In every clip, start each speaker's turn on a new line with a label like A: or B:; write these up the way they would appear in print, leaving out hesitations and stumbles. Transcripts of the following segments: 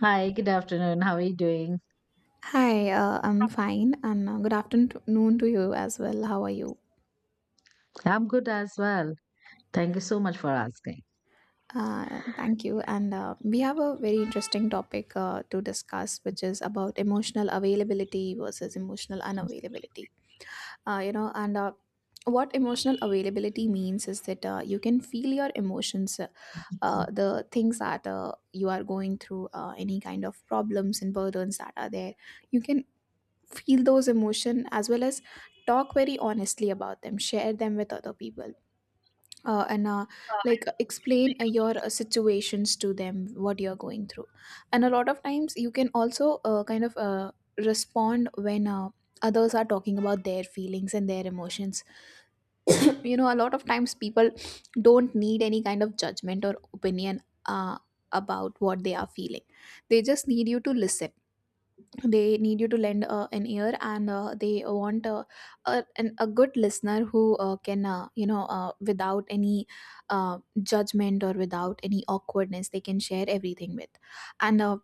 A: Hi, good afternoon. How are you doing?
B: Hi, I'm fine, and good afternoon to you as well. How are you?
A: I'm good as well. Thank you so much for asking.
B: Thank you. And we have a very interesting topic to discuss, which is about emotional availability versus emotional unavailability. You know, and What emotional availability means is that you can feel your emotions, the things that you are going through, any kind of problems and burdens that are there. You can feel those emotion, as well as talk very honestly about them, share them with other people, and like explain your situations to them, what you're going through. And a lot of times you can also respond when others are talking about their feelings and their emotions. You know, a lot of times people don't need any kind of judgment or opinion about what they are feeling. They just need you to listen, they need you to lend an ear, and they want a good listener who can without any judgment or without any awkwardness, they can share everything with. And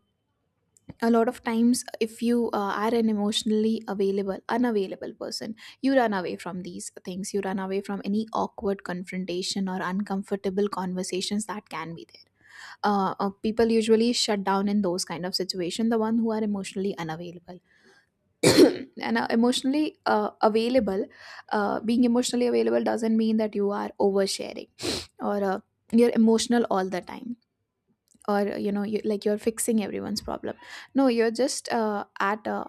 B: a lot of times, if you are an emotionally available unavailable person, you run away from these things, you run away from any awkward confrontation or uncomfortable conversations that can be there. People usually shut down in those kind of situation, the one who are emotionally unavailable. and emotionally available being emotionally available doesn't mean that you are oversharing, or you're emotional all the time, or like you're fixing everyone's problem. No, you're just uh, at a,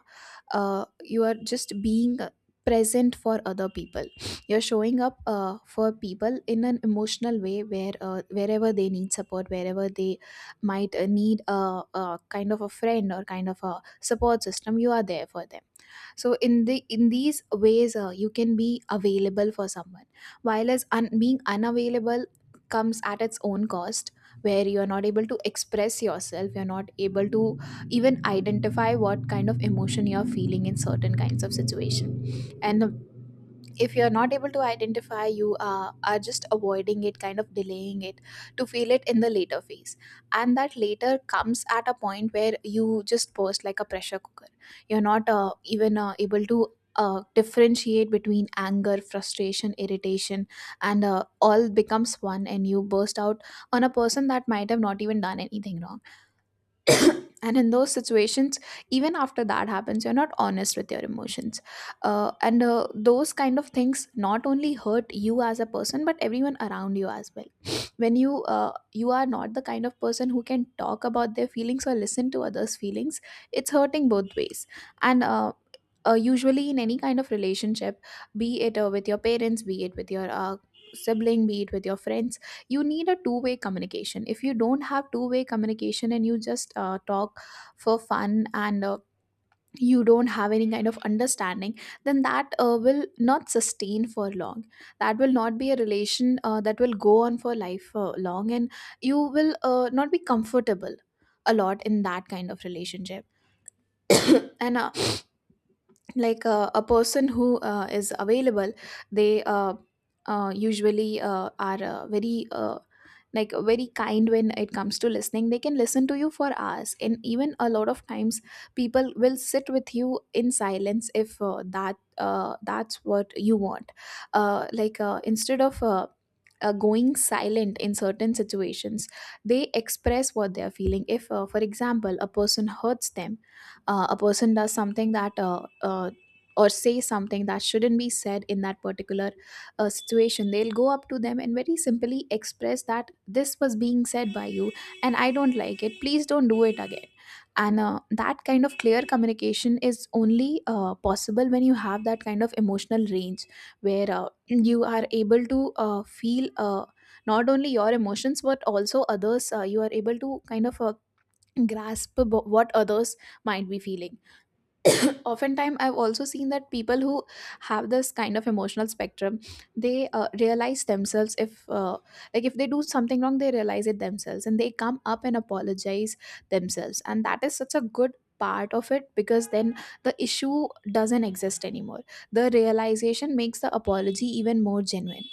B: uh, you are just being present for other people. You're showing up for people in an emotional way, where wherever they need support, wherever they might need a kind of a friend or kind of a support system, you are there for them. So in these ways, you can be available for someone, while as being unavailable comes at its own cost, where you are not able to express yourself, you're not able to even identify what kind of emotion you're feeling in certain kinds of situation. And if you're not able to identify, you are just avoiding it, kind of delaying it, to feel it in the later phase. And that later comes at a point where you just burst like a pressure cooker. You're not even able to differentiate between anger, frustration, irritation, and all becomes one, and you burst out on a person that might have not even done anything wrong. And in those situations, even after that happens, you're not honest with your emotions. And Those kind of things not only hurt you as a person, but everyone around you as well. When you you are not the kind of person who can talk about their feelings or listen to others feelings, it's hurting both ways. And Usually in any kind of relationship, be it with your parents, be it with your sibling, be it with your friends, you need a two-way communication. If you don't have two-way communication, and you just talk for fun, and you don't have any kind of understanding, then that will not sustain for long. That will not be a relation that will go on for life long, and you will not be comfortable a lot in that kind of relationship. And Like a person who is available, they usually are very like very kind when it comes to listening, they can listen to you for hours, and even a lot of times people will sit with you in silence if that's what you want. Instead of going silent in certain situations, they express what they are feeling. If for example a person hurts them, a person does something that or say something that shouldn't be said in that particular situation, they'll go up to them and very simply express that this was being said by you, and I don't like it, please don't do it again. And that kind of clear communication is only possible when you have that kind of emotional range, where you are able to feel not only your emotions but also others. You are able to kind of grasp what others might be feeling. But oftentimes I've also seen that people who have this kind of emotional spectrum, they realize themselves if like if they do something wrong, they realize it themselves and they come up and apologize themselves, and that is such a good part of it, because then the issue doesn't exist anymore. The realization makes the apology even more genuine.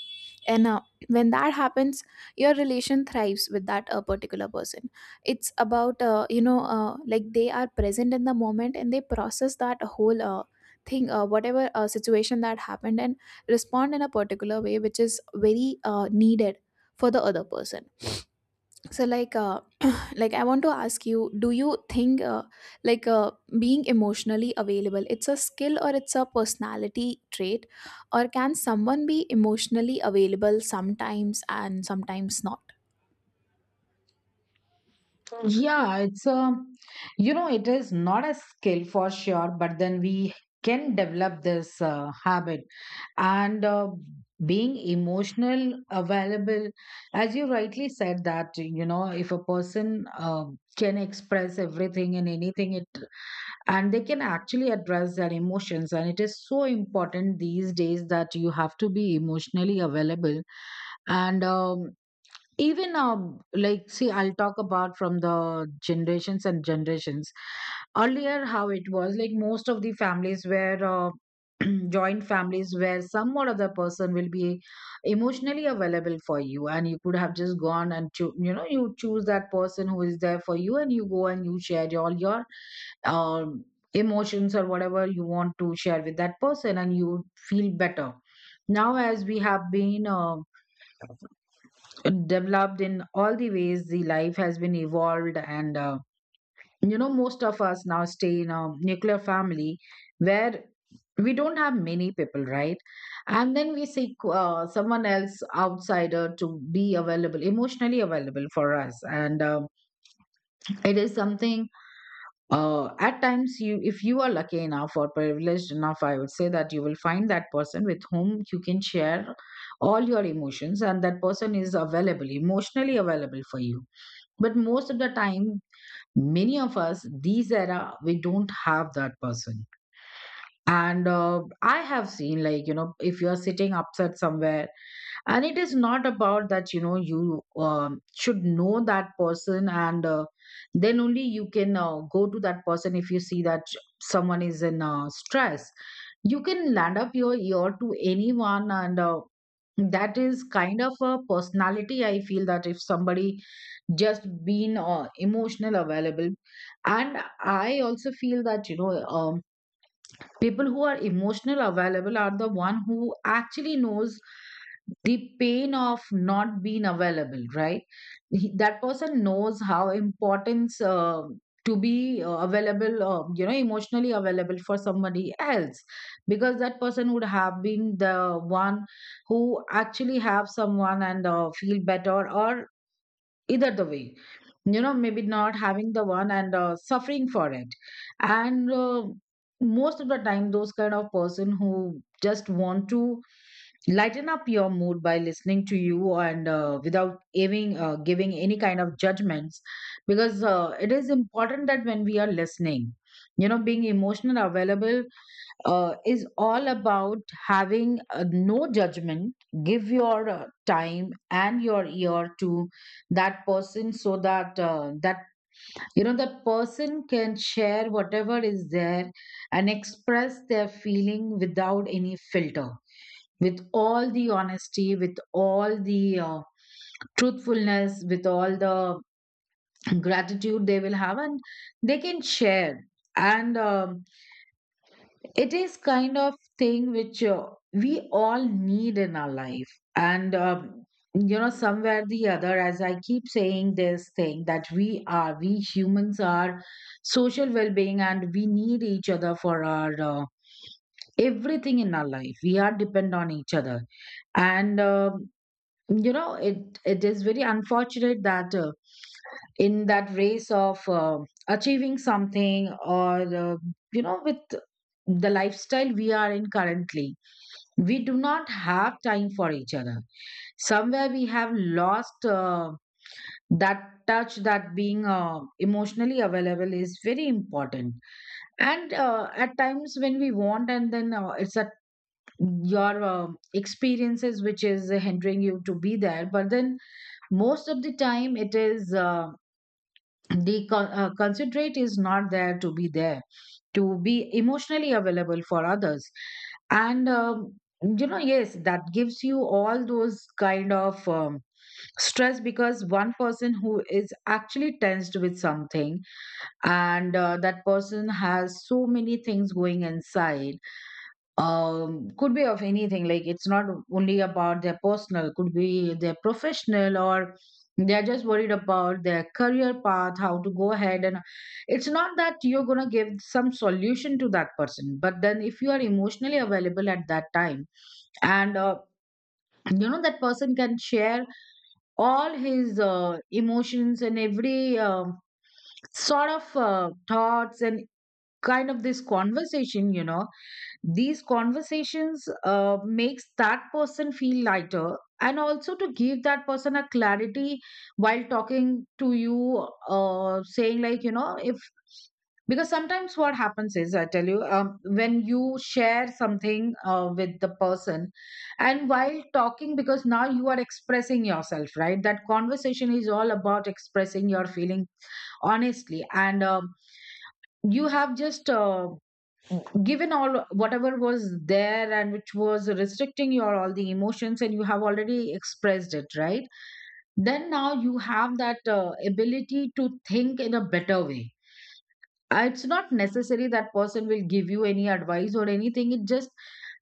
B: And when that happens, your relation thrives with that particular person. It's about like they are present in the moment, and they process that whole thing, whatever situation that happened, and respond in a particular way which is very needed for the other person. So like I want to ask you, do you think like uh, being emotionally available, it's a skill or it's a personality trait, or can someone be emotionally available sometimes and sometimes not?
A: Yeah, it's a, you know, it is not a skill for sure, but then we can develop this habit. And Being emotional available, as you rightly said, that, you know, if a person can express everything and anything, it and they can actually address their emotions, and it is so important these days that you have to be emotionally available, and even like see, I'll talk about from the generations and generations earlier how it was. Like most of the families were joint families where some or other person will be emotionally available for you, and you could have just gone and you know, you choose that person who is there for you, and you go and you share all your um, emotions or whatever you want to share with that person and you feel better. Now as we have been developed in all the ways, the life has been evolved, and you know, most of us now stay in a nuclear family where we don't have many people, right? And then we seek someone else outsider to be available, emotionally available for us, and it is something at times, you, if you are lucky enough or privileged enough, I would say, that you will find that person with whom you can share all your emotions, and that person is available, emotionally available for you. But most of the time, many of us, these era, we don't have that person. And I have seen, like, you know, if you're sitting upset somewhere, and it is not about that, you know, you should know that person, and then only you can go to that person. If you see that someone is in stress, you can land up your ear to anyone, and that is kind of a personality, I feel, that if somebody just been emotional available. And I also feel that, you know, people who are emotional available are the one who actually knows the pain of not being available, right? That person knows how important to be available, you know, emotionally available for somebody else, because that person would have been the one who actually have someone and feel better, or either the way, you know, maybe not having the one and suffering for it. And Most of the time those kind of person who just want to lighten up your mood by listening to you and without giving giving any kind of judgments, because it is important that when we are listening, you know, being emotional available is all about having no judgment. Give your time and your ear to that person so that you know, that person can share whatever is there and express their feeling without any filter, with all the honesty, with all the truthfulness, with all the gratitude they will have, and they can share. And it is kind of thing which we all need in our life. And you know, somewhere the other, as I keep saying this thing, that we are, we humans are social well-being, and we need each other for our everything in our life. We are depend on each other. And you know, it is very unfortunate that in that race of achieving something, or you know, with the lifestyle we are in currently, we do not have time for each other. Somewhere we have lost that touch, that being emotionally available is very important. And at times when we want, and then it's at your experiences which is hindering you to be there, but then most of the time it is the considerate is not there to be there, to be emotionally available for others. And you know, yes, that gives you all those kind of stress, because one person who is actually tensed with something, and that person has so many things going inside, could be of anything, like it's not only about their personal, could be their professional, or they're just worried about their career path, how to go ahead. And it's not that you're going to give some solution to that person, but then if you are emotionally available at that time, and you know, that person can share all his emotions and every sort of thoughts, and kind of this conversation, you know, these conversations makes that person feel lighter, and also to give that person a clarity while talking to you, saying like, you know, if, because sometimes what happens is, I tell you, when you share something with the person, and while talking, because now you are expressing yourself, right? That conversation is all about expressing your feeling honestly, and you have just given all whatever was there and which was restricting your all the emotions, and you have already expressed it, right? Then now you have that ability to think in a better way. It's not necessary that person will give you any advice or anything. It just,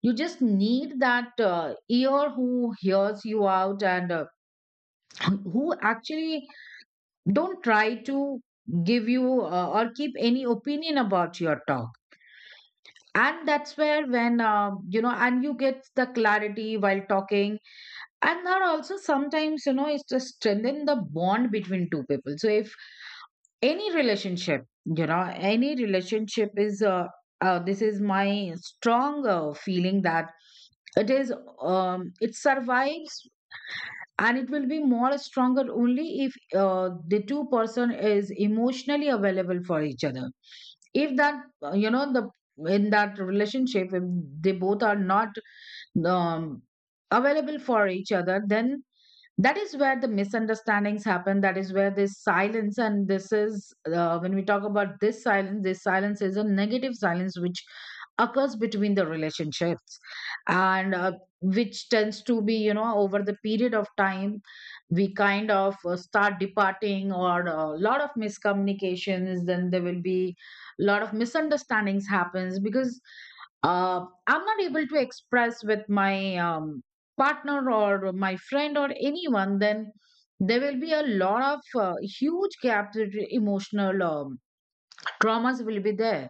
A: you just need that ear who hears you out, and who actually don't try to give you or keep any opinion about your talk. And that's where, when you know, and you get the clarity while talking. And that also sometimes, you know, is to strengthen the bond between two people. So if any relationship, you know, any relationship is this is my strong feeling, that it is it survives, and it will be more stronger only if the two person is emotionally available for each other. If that you know, the, in that relationship, if they both are not um, available for each other, then that is where the misunderstandings happen, that is where this silence, and this is when we talk about this silence, this silence is a negative silence which occurs between the relationships. And which tends to be, you know, over the period of time, we kind of start departing, or a lot of miscommunications, then there will be a lot of misunderstandings happens, because I'm not able to express with my partner or my friend or anyone. Then there will be a lot of huge gaps between emotional, traumas will be there.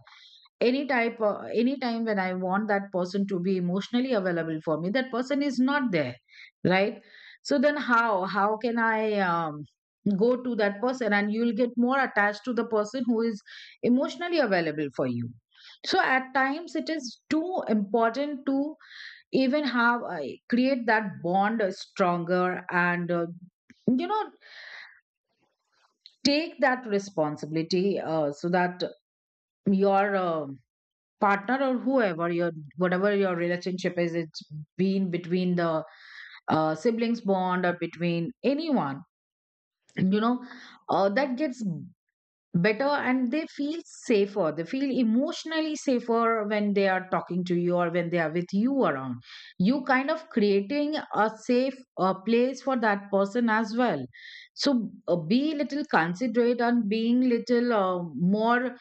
A: Any type, any time when I want that person to be emotionally available for me, that person is not there, right? So then, how can I go to that person? And you'll get more attached to the person who is emotionally available for you. So at times it is too important to even have create that bond stronger, and you know, take that responsibility so that your partner, or whoever, your, whatever your relationship is, it's been between the siblings bond, or between anyone, you know, that gets better, and they feel safer, they feel emotionally safer when they are talking to you or when they are with you around. You kind of creating a safe place for that person as well. So be little considerate, and being little more,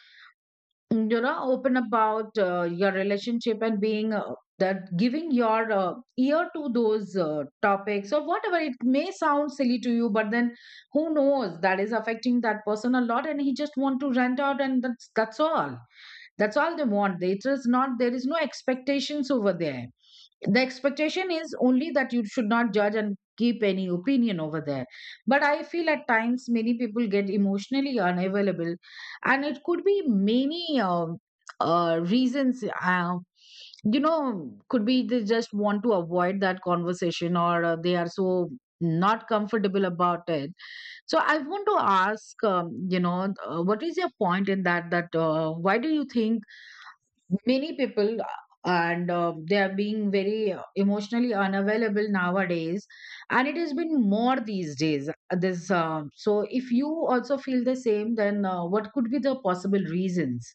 A: you know, open about your relationship, and being that, giving your ear to those topics, or whatever it may sound silly to you, but then who knows that is affecting that person a lot, and he just want to rent out, and that's all, that's all they want. It is not, there is no expectations over there. The expectation is only that you should not judge and keep any opinion over there. But I feel at times many people get emotionally unavailable, and it could be many reasons. You know, could be they just want to avoid that conversation, or they are so not comfortable about it. So I want to ask, you know, what is your point in that, that why do you think many people and they are being very emotionally unavailable nowadays, and it has been more these days, this um, so if you also feel the same, then what could be the possible reasons?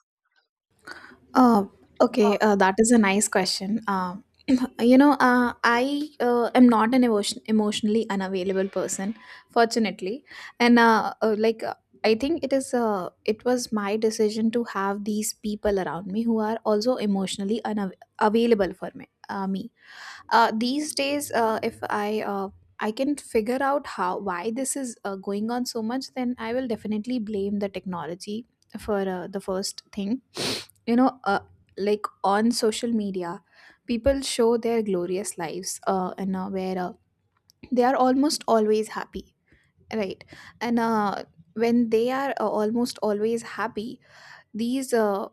B: Uh, okay, that is a nice question. You know, I am not an emotionally unavailable person, fortunately, and I think it is, it was my decision to have these people around me who are also emotionally unavailable for me. These days, if I can figure out how why this is going on so much, then I will definitely blame the technology for the first thing. You know, like on social media, people show their glorious lives, and where they are almost always happy, right? And when they are almost always happy, these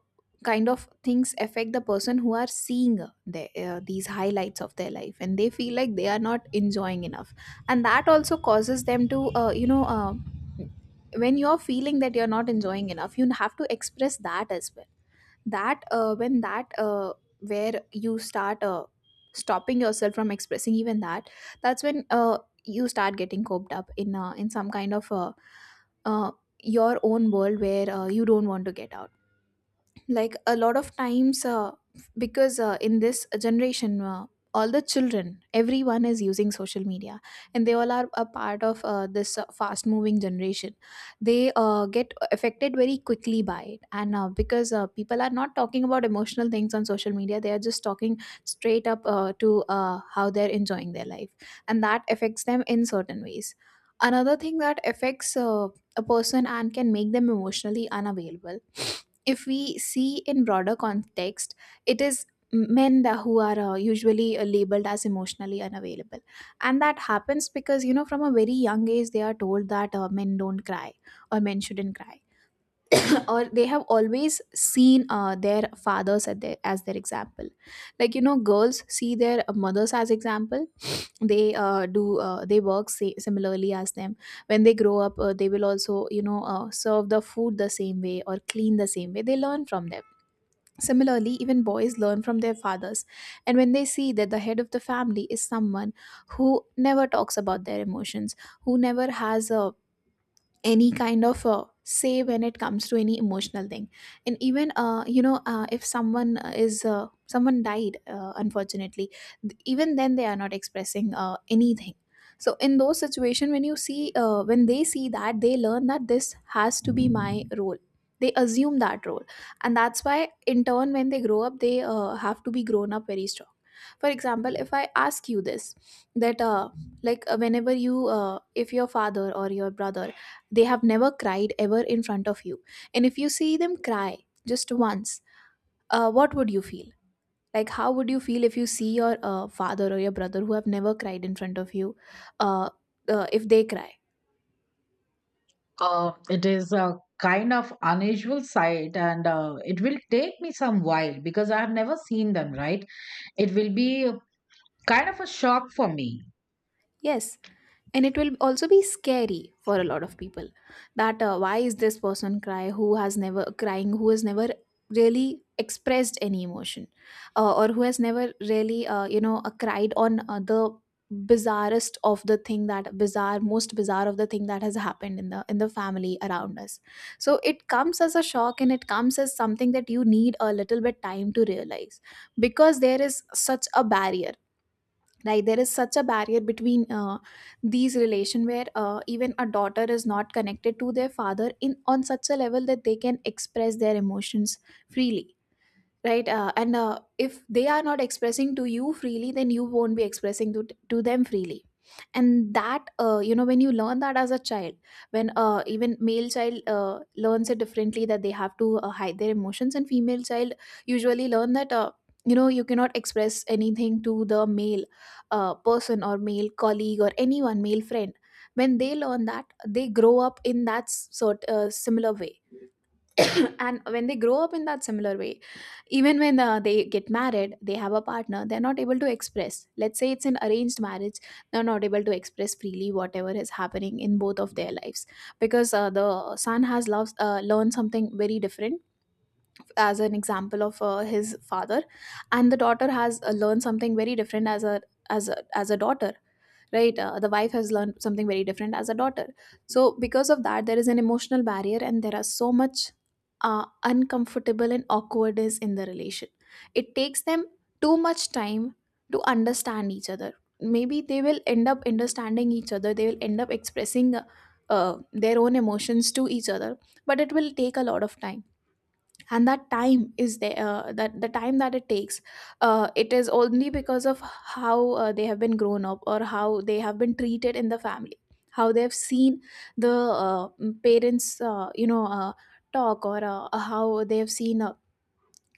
B: kind of things affect the person who are seeing these highlights of their life, and they feel like they are not enjoying enough. And that also causes them to, you know, when you're feeling that you're not enjoying enough, you have to express that as well. That when that Where you start stopping yourself from expressing even that, that's when you start getting coped up in some kind of uh, your own world where you don't want to get out. Like a lot of times, because in this generation, all the children, everyone is using social media, and they all are a part of this fast moving generation. They get affected very quickly by it, and because people are not talking about emotional things on social media, they are just talking straight up to how they're enjoying their life, and that affects them in certain ways. Another thing that affects a person and can make them emotionally unavailable, if we see in broader context, it is men that who are usually labeled as emotionally unavailable. And that happens because, you know, from a very young age they are told that men don't cry, or men shouldn't cry. Or they have always seen their fathers as their example. Like you know, girls see their mothers as example, they do they work similarly as them. When they grow up, they will also, you know, serve the food the same way or clean the same way, they learn from them. Similarly, even boys learn from their fathers, and when they see that the head of the family is someone who never talks about their emotions, who never has a any kind of say when it comes to any emotional thing, and even, you know, if someone is, someone died unfortunately, even then they are not expressing anything. So in those situations when when they see that, they learn that this has to be my role, they assume that role. And that's why in turn when they grow up, they have to be grown up very strong. For example, if I ask you this, that whenever you if your father or your brother, they have never cried ever in front of you, and if you see them cry just once, what would you feel? Like, how would you feel if you see your father or your brother who have never cried in front of you, uh, if they cry?
A: Uh, it is a kind of unusual sight, and it will take me some while because I have never seen them, right? It will be a kind of a shock for me.
B: Yes, and it will also be scary for a lot of people that why is this person cry who has never really expressed any emotion, or who has never really cried on the bizarrest of the thing that bizarre most bizarre of the thing that has happened in the family around us. So it comes as a shock, and it comes as something that you need a little bit time to realize, because there is such a barrier. Right, there is such a barrier between these relation where even a daughter is not connected to their father in on such a level that they can express their emotions freely. Right. And if they are not expressing to you freely, then you won't be expressing to them freely. And that, you know, when you learn that as a child, when even male child learns it differently, that they have to hide their emotions, and female child usually learn that, you know, you cannot express anything to the male person or male colleague or anyone male friend. When they learn that, they grow up in that sort similar way. And when they grow up in that similar way, even when they get married, they have a partner, they're not able to express, let's say it's an arranged marriage, they're not able to express freely whatever is happening in both of their lives, because the son has learned something very different as an example of his father, and the daughter has learned something very different as a as a daughter. Right. The wife has learned something very different as a daughter. So because of that, there is an emotional barrier, and there are so much uncomfortable and awkwardness in the relation. It takes them too much time to understand each other. Maybe they will end up understanding each other, they will end up expressing their own emotions to each other, but it will take a lot of time. And that time is there, that the time that it takes, it is only because of how they have been grown up, or how they have been treated in the family, how they have seen the parents talk, or how they have seen uh,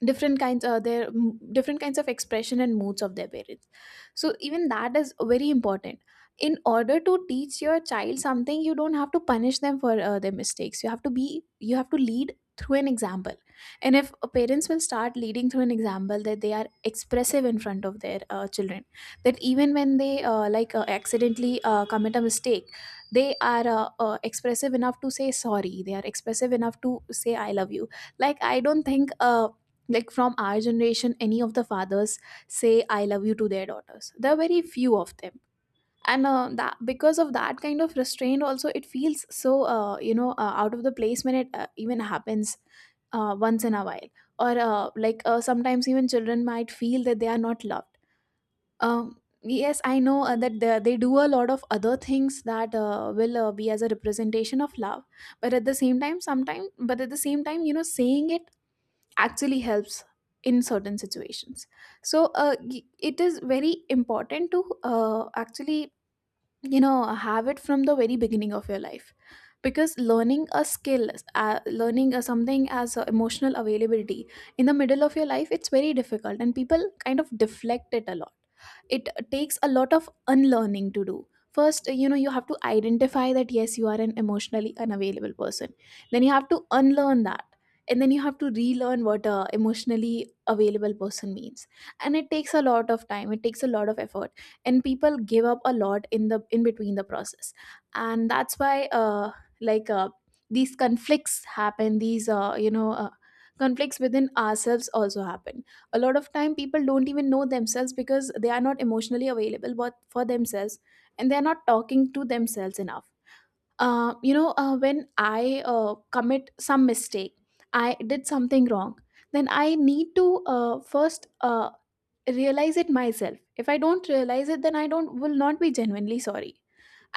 B: different kinds uh, their m- different kinds of expression and moods of their parents. So even that is very important. In order to teach your child something, you don't have to punish them for their mistakes. You have to lead through an example. And if parents will start leading through an example, that they are expressive in front of their children, that even when they accidentally commit a mistake, they are expressive enough to say sorry, they are expressive enough to say I love you. Like, I don't think from our generation any of the fathers say I love you to their daughters. There are very few of them. And that, because of that kind of restraint also, it feels so out of the place when it even happens, once in a while. Or sometimes even children might feel that they are not loved. Yes, I know that they do a lot of other things that will be as a representation of love, but at the same time sometimes, but at the same time, you know, saying it actually helps in certain situations. So it is very important to actually, you know, have it from the very beginning of your life, because learning a skill, learning something as emotional availability in the middle of your life, it's very difficult, and people kind of deflect it a lot. It takes a lot of unlearning to do first. You know, you have to identify that yes, you are an emotionally unavailable person, then you have to unlearn that, and then you have to relearn what a emotionally available person means. And it takes a lot of time, it takes a lot of effort, and people give up a lot in the in between the process. And that's why like uh these conflicts happen, these, conflicts within ourselves also happen. A lot of time people don't even know themselves, because they are not emotionally available but for themselves, and they are not talking to themselves enough. When I commit some mistake, I did something wrong, then I need to first realize it myself. If I don't realize it, then I don't will not be genuinely sorry.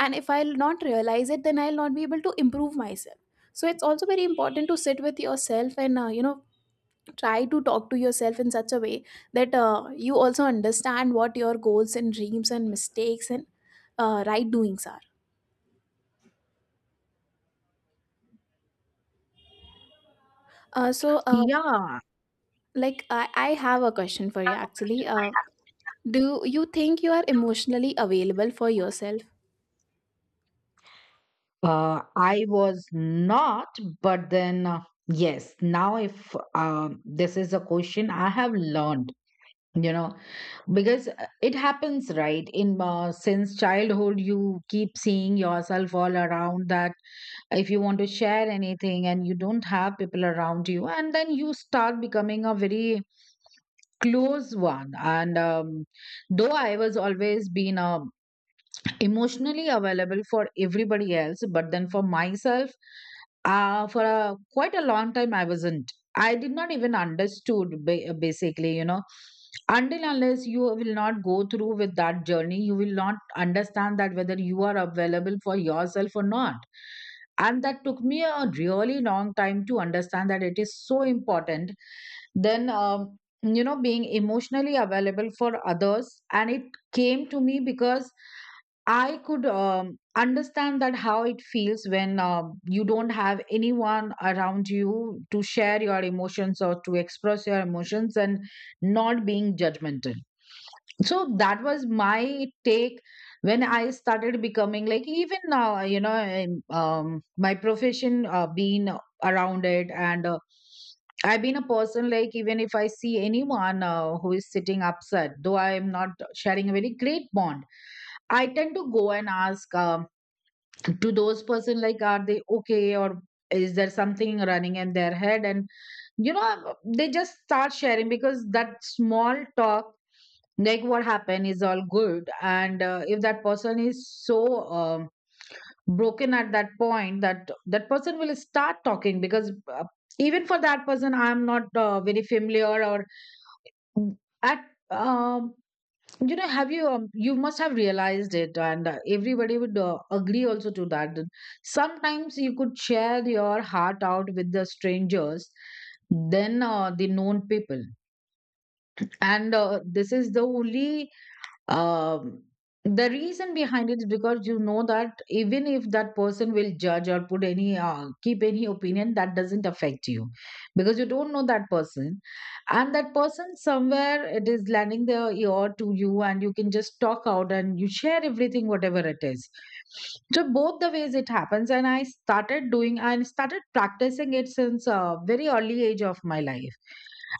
B: And if I'll not realize it, then I'll not be able to improve myself. So it's also very important to sit with yourself and, you know, try to talk to yourself in such a way that you also understand what your goals and dreams and mistakes and right doings are. Uh, so, uh,
A: Yeah.
B: I have a question for you actually. Do you think you are emotionally available for yourself?
A: I was not, but then yes, now if this is a question I have learned, you know, because it happens, right? In Since childhood, you keep seeing yourself all around that if you want to share anything and you don't have people around you, and then you start becoming a very close one. And though I was always been a emotionally available for everybody else, but then for myself, for quite a long time, I did not even understood, basically. Until unless you will not go through with that journey, you will not understand that whether you are available for yourself or not, and that took me a really long time to understand that it is so important. Then, being emotionally available for others, and it came to me because I could, understand that how it feels when, you don't have anyone around you, to share your emotions or to express your emotions, and not being judgmental. So that was my take when I started becoming like, even now, in, my profession, being around it. And I've been a person like, even if I see anyone who is sitting upset, though I am not sharing a very great bond, I tend to go and ask, to those person like, are they okay, or is there something running in their head? And they just start sharing, because that small talk, like what happened, is all good. And if that person is so, broken at that point, that that person will start talking, because even for that person, I'm not very familiar, or at um have you you must have realized it. And everybody would agree also to that, that sometimes you could share your heart out with the strangers than the known people. And this is the only um, the reason behind it is, because you know that even if that person will judge or put any, keep any opinion, that doesn't affect you, because you don't know that person, and that person somewhere it is lending their ear to you, and you can just talk out and you share everything whatever it is. So both the ways it happens, and I started doing and started practicing it since a very early age of my life.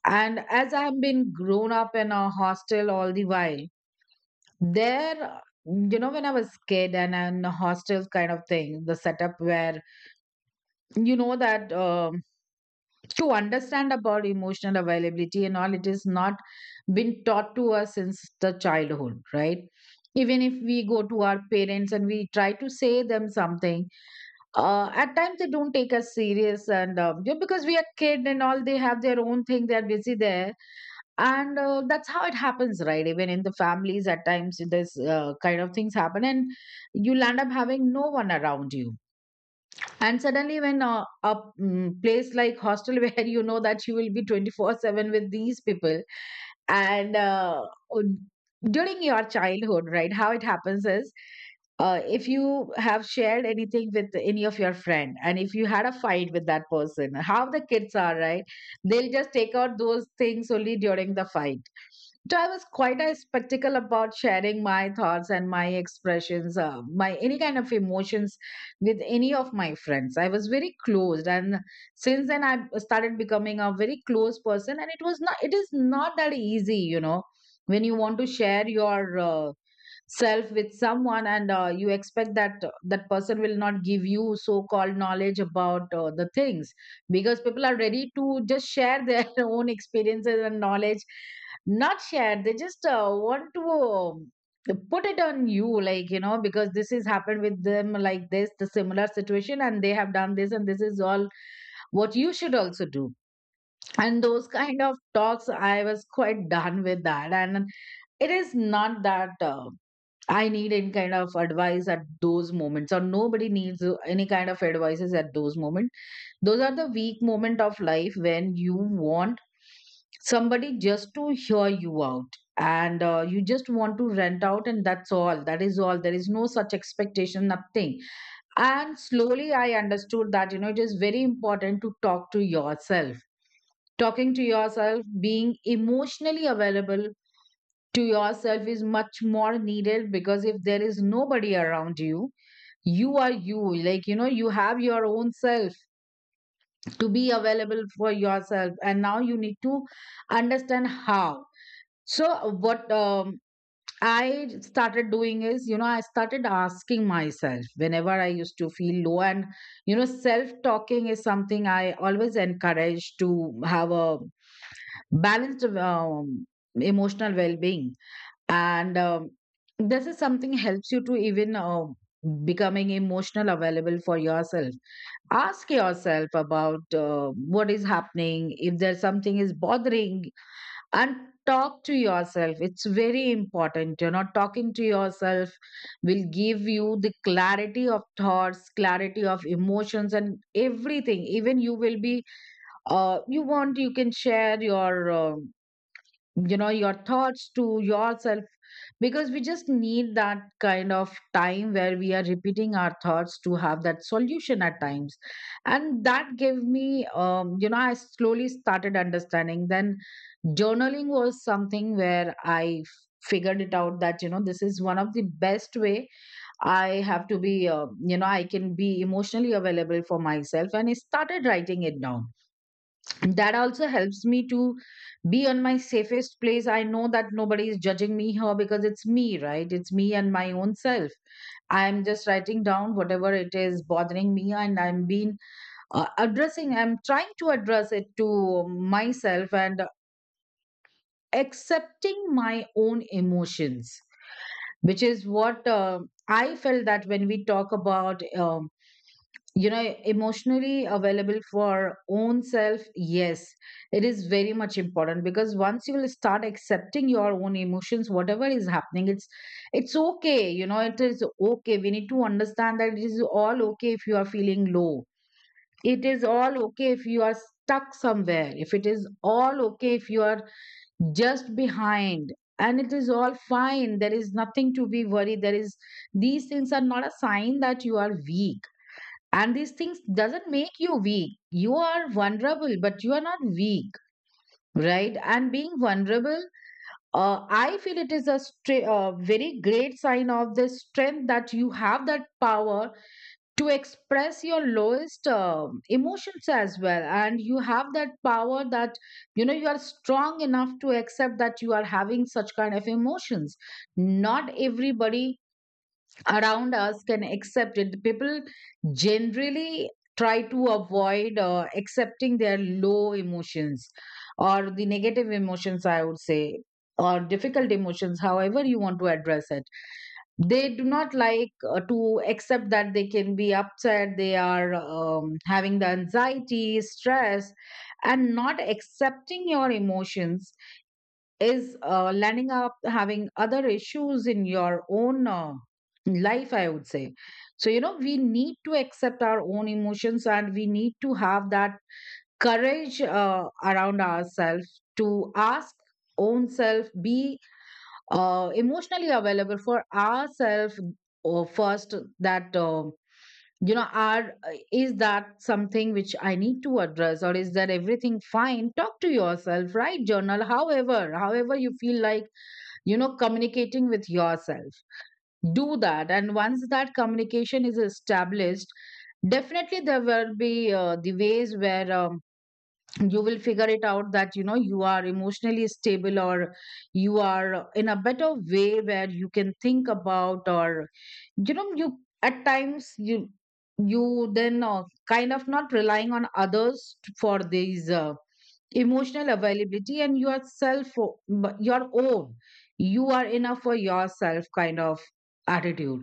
A: And as I have been grown up in a hostel all the while there, when I was kid and in a hostel kind of thing, the setup where you know that to understand about emotional availability and all, it is not been taught to us since the childhood, right? Even if we go to our parents and we try to say them something, at times they don't take us serious, and because we are kid and all, they have their own thing, they are busy there. And that's how it happens, right? Even in the families at times this kind of things happen, and you'll end up having no one around you. And suddenly when a place like hostel where you know that you will be 24/7 with these people. And during your childhood, right, how it happens is, if you have shared anything with any of your friend, and if you had a fight with that person, how the kids are, right, they'll just take out those things only during the fight. So I was quite a spectacle about sharing my thoughts and my expressions, my any kind of emotions with any of my friends. I was very closed, and since then I started becoming a very close person. And it was not it is not that easy. When you want to share your, self with someone, and you expect that that person will not give you so called knowledge about the things, because people are ready to just share their own experiences and knowledge. Not share, they just want to, put it on you, like, because this is happened with them, like this, the similar situation, and they have done this, and this is all what you should also do. And those kind of talks I was quite done with that. And it is not that I need any kind of advice at those moments, or nobody needs any kind of advices at those moments. Those are the weak moment of life, when you want somebody just to hear you out, and you just want to rent out, and that's all, that is all. There is no such expectation, nothing. And slowly I understood that, it is very important to talk to yourself. Talking to yourself, being emotionally available to yourself, is much more needed, because if there is nobody around you, you are you. Like, you have your own self to be available for yourself. And now you need to understand how. So, what I started doing is, I started asking myself whenever I used to feel low. And, self talking is something I always encourage to have a balanced, emotional well-being. And this is something helps you to even becoming emotional available for yourself. Ask yourself about what is happening, if there's something is bothering. And talk to yourself, it's very important. Talking to yourself will give you the clarity of thoughts, clarity of emotions, and everything. Even you will be, you can share your, your thoughts to yourself. Because we just need that kind of time where we are repeating our thoughts to have that solution at times. And that gave me, I slowly started understanding. Then journaling was something where I figured it out that, this is one of the best way. I have to be you know I can be emotionally available for myself, and I started writing it down. That also helps me to be on my safest place. I know that nobody is judging me here, because it's me, right? It's me and my own self. I'm just writing down whatever it is bothering me, and I'm trying to address it to myself, and accepting my own emotions. Which is what I felt that when we talk about, you know emotionally available for our own self, yes, it is very much important. Because once you will start accepting your own emotions, whatever is happening, it's okay. It is okay, we need to understand that it is all okay if you are feeling low. It is all okay if you are stuck somewhere. If it is all okay if you are just behind, and it is all fine. There is nothing to be worried. There is These things are not a sign that you are weak. And these things doesn't make you weak. You are vulnerable, but you are not weak, right? And being vulnerable, I feel it is a very great sign of the strength, that you have that power to express your lowest emotions as well. And you have that power that, you are strong enough to accept that you are having such kind of emotions. Not everybody around us can accept it. People generally try to avoid accepting their low emotions, or the negative emotions, I would say, or difficult emotions, however you want to address it. They do not like to accept that they can be upset, they are, having the anxiety, stress. And not accepting your emotions is landing up having other issues in your own life, I would say. So, we need to accept our own emotions, and we need to have that courage around ourselves to ask own self, be emotionally available for ourselves, first, that are is that something which I need to address, or is that everything fine? Talk to yourself, right? Journal, however you feel like. Communicating with yourself, do that. And once that communication is established, definitely there will be the ways where, you will figure it out that, you are emotionally stable, or you are in a better way where you can think about, or you, at times, you then kind of not relying on others for these, emotional availability. And your self, your own, you are enough for yourself kind of attitude.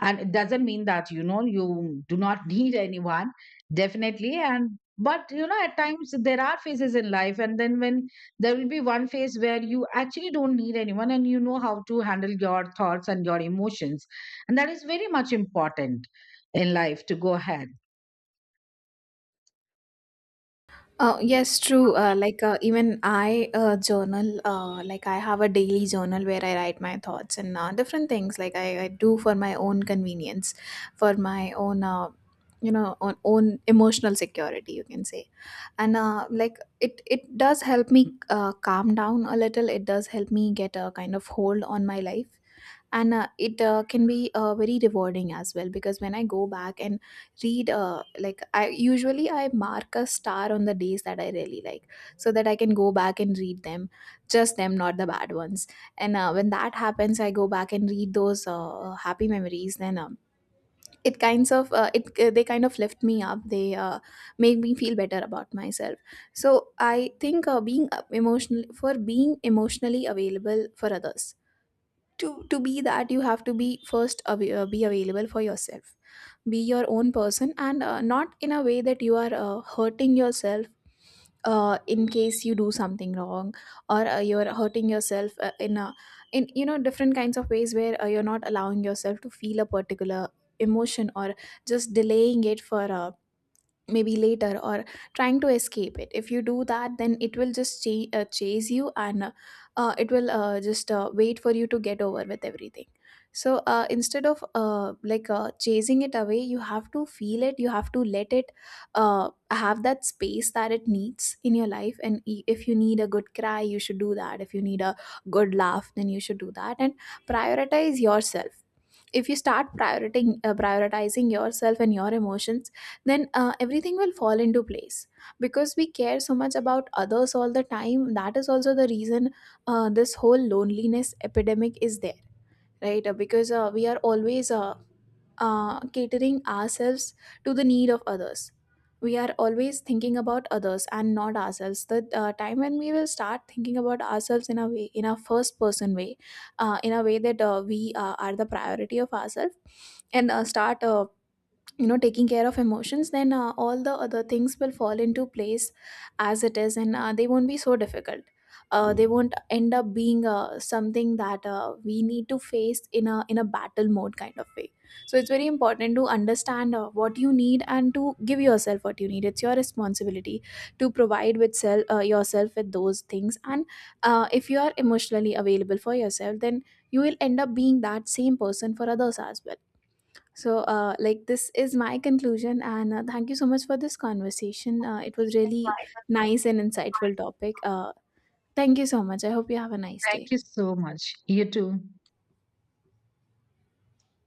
A: And it doesn't mean that, you do not need anyone, definitely. And but, at times there are phases in life, and then when there will be one phase where you actually don't need anyone, and you know how to handle your thoughts and your emotions. And that is very much important in life to go ahead.
B: Yes, true. Even I journal. Like I have a daily journal where I write my thoughts and different things. Like I do for my own convenience, for my own, you know, on own emotional security, you can say. And like it does help me calm down a little. It does help me get a kind of hold on my life. And it can be very rewarding as well, because when I go back and read, like I usually, I mark a star on the days that I really like, so that I can go back and read them, just them, not the bad ones. And when that happens, I go back and read those happy memories, then it kinds of, it they kind of lift me up, they make me feel better about myself. So I think being emotionally available for others, to be that, you have to be first be available for yourself, be your own person. And not in a way that you are hurting yourself, in case you do something wrong, or you're hurting yourself in a, in, you know, different kinds of ways where you're not allowing yourself to feel a particular emotion, or just delaying it for, maybe later, or trying to escape it. If you do that, then it will just chase you, and it will just wait for you to get over with everything. So instead of chasing it away, you have to feel it, you have to let it have that space that it needs in your life. And if you need a good cry, you should do that. If you need a good laugh, then you should do that, and prioritize yourself. If you start prioritizing yourself and your emotions, then everything will fall into place, because we care so much about others all the time, that is also the reason this whole loneliness epidemic is there. Right. Because we are always catering ourselves to the need of others. We are always thinking about others and not ourselves. The time when we will start thinking about ourselves in a way, in a first person way, in a way that we are the priority of ourselves, and start, you know, taking care of emotions, then all the other things will fall into place as it is, and they won't be so difficult. They won't end up being something that we need to face in a battle mode kind of way. So it's very important to understand what you need, and to give yourself what you need. It's your responsibility to provide with self yourself with those things. And if you are emotionally available for yourself, then you will end up being that same person for others as well. So, this is my conclusion, and thank you so much for this conversation. It was really nice and insightful topic. Thank you so much. I hope you have a nice
A: Thank
B: day.
A: you so much, you too.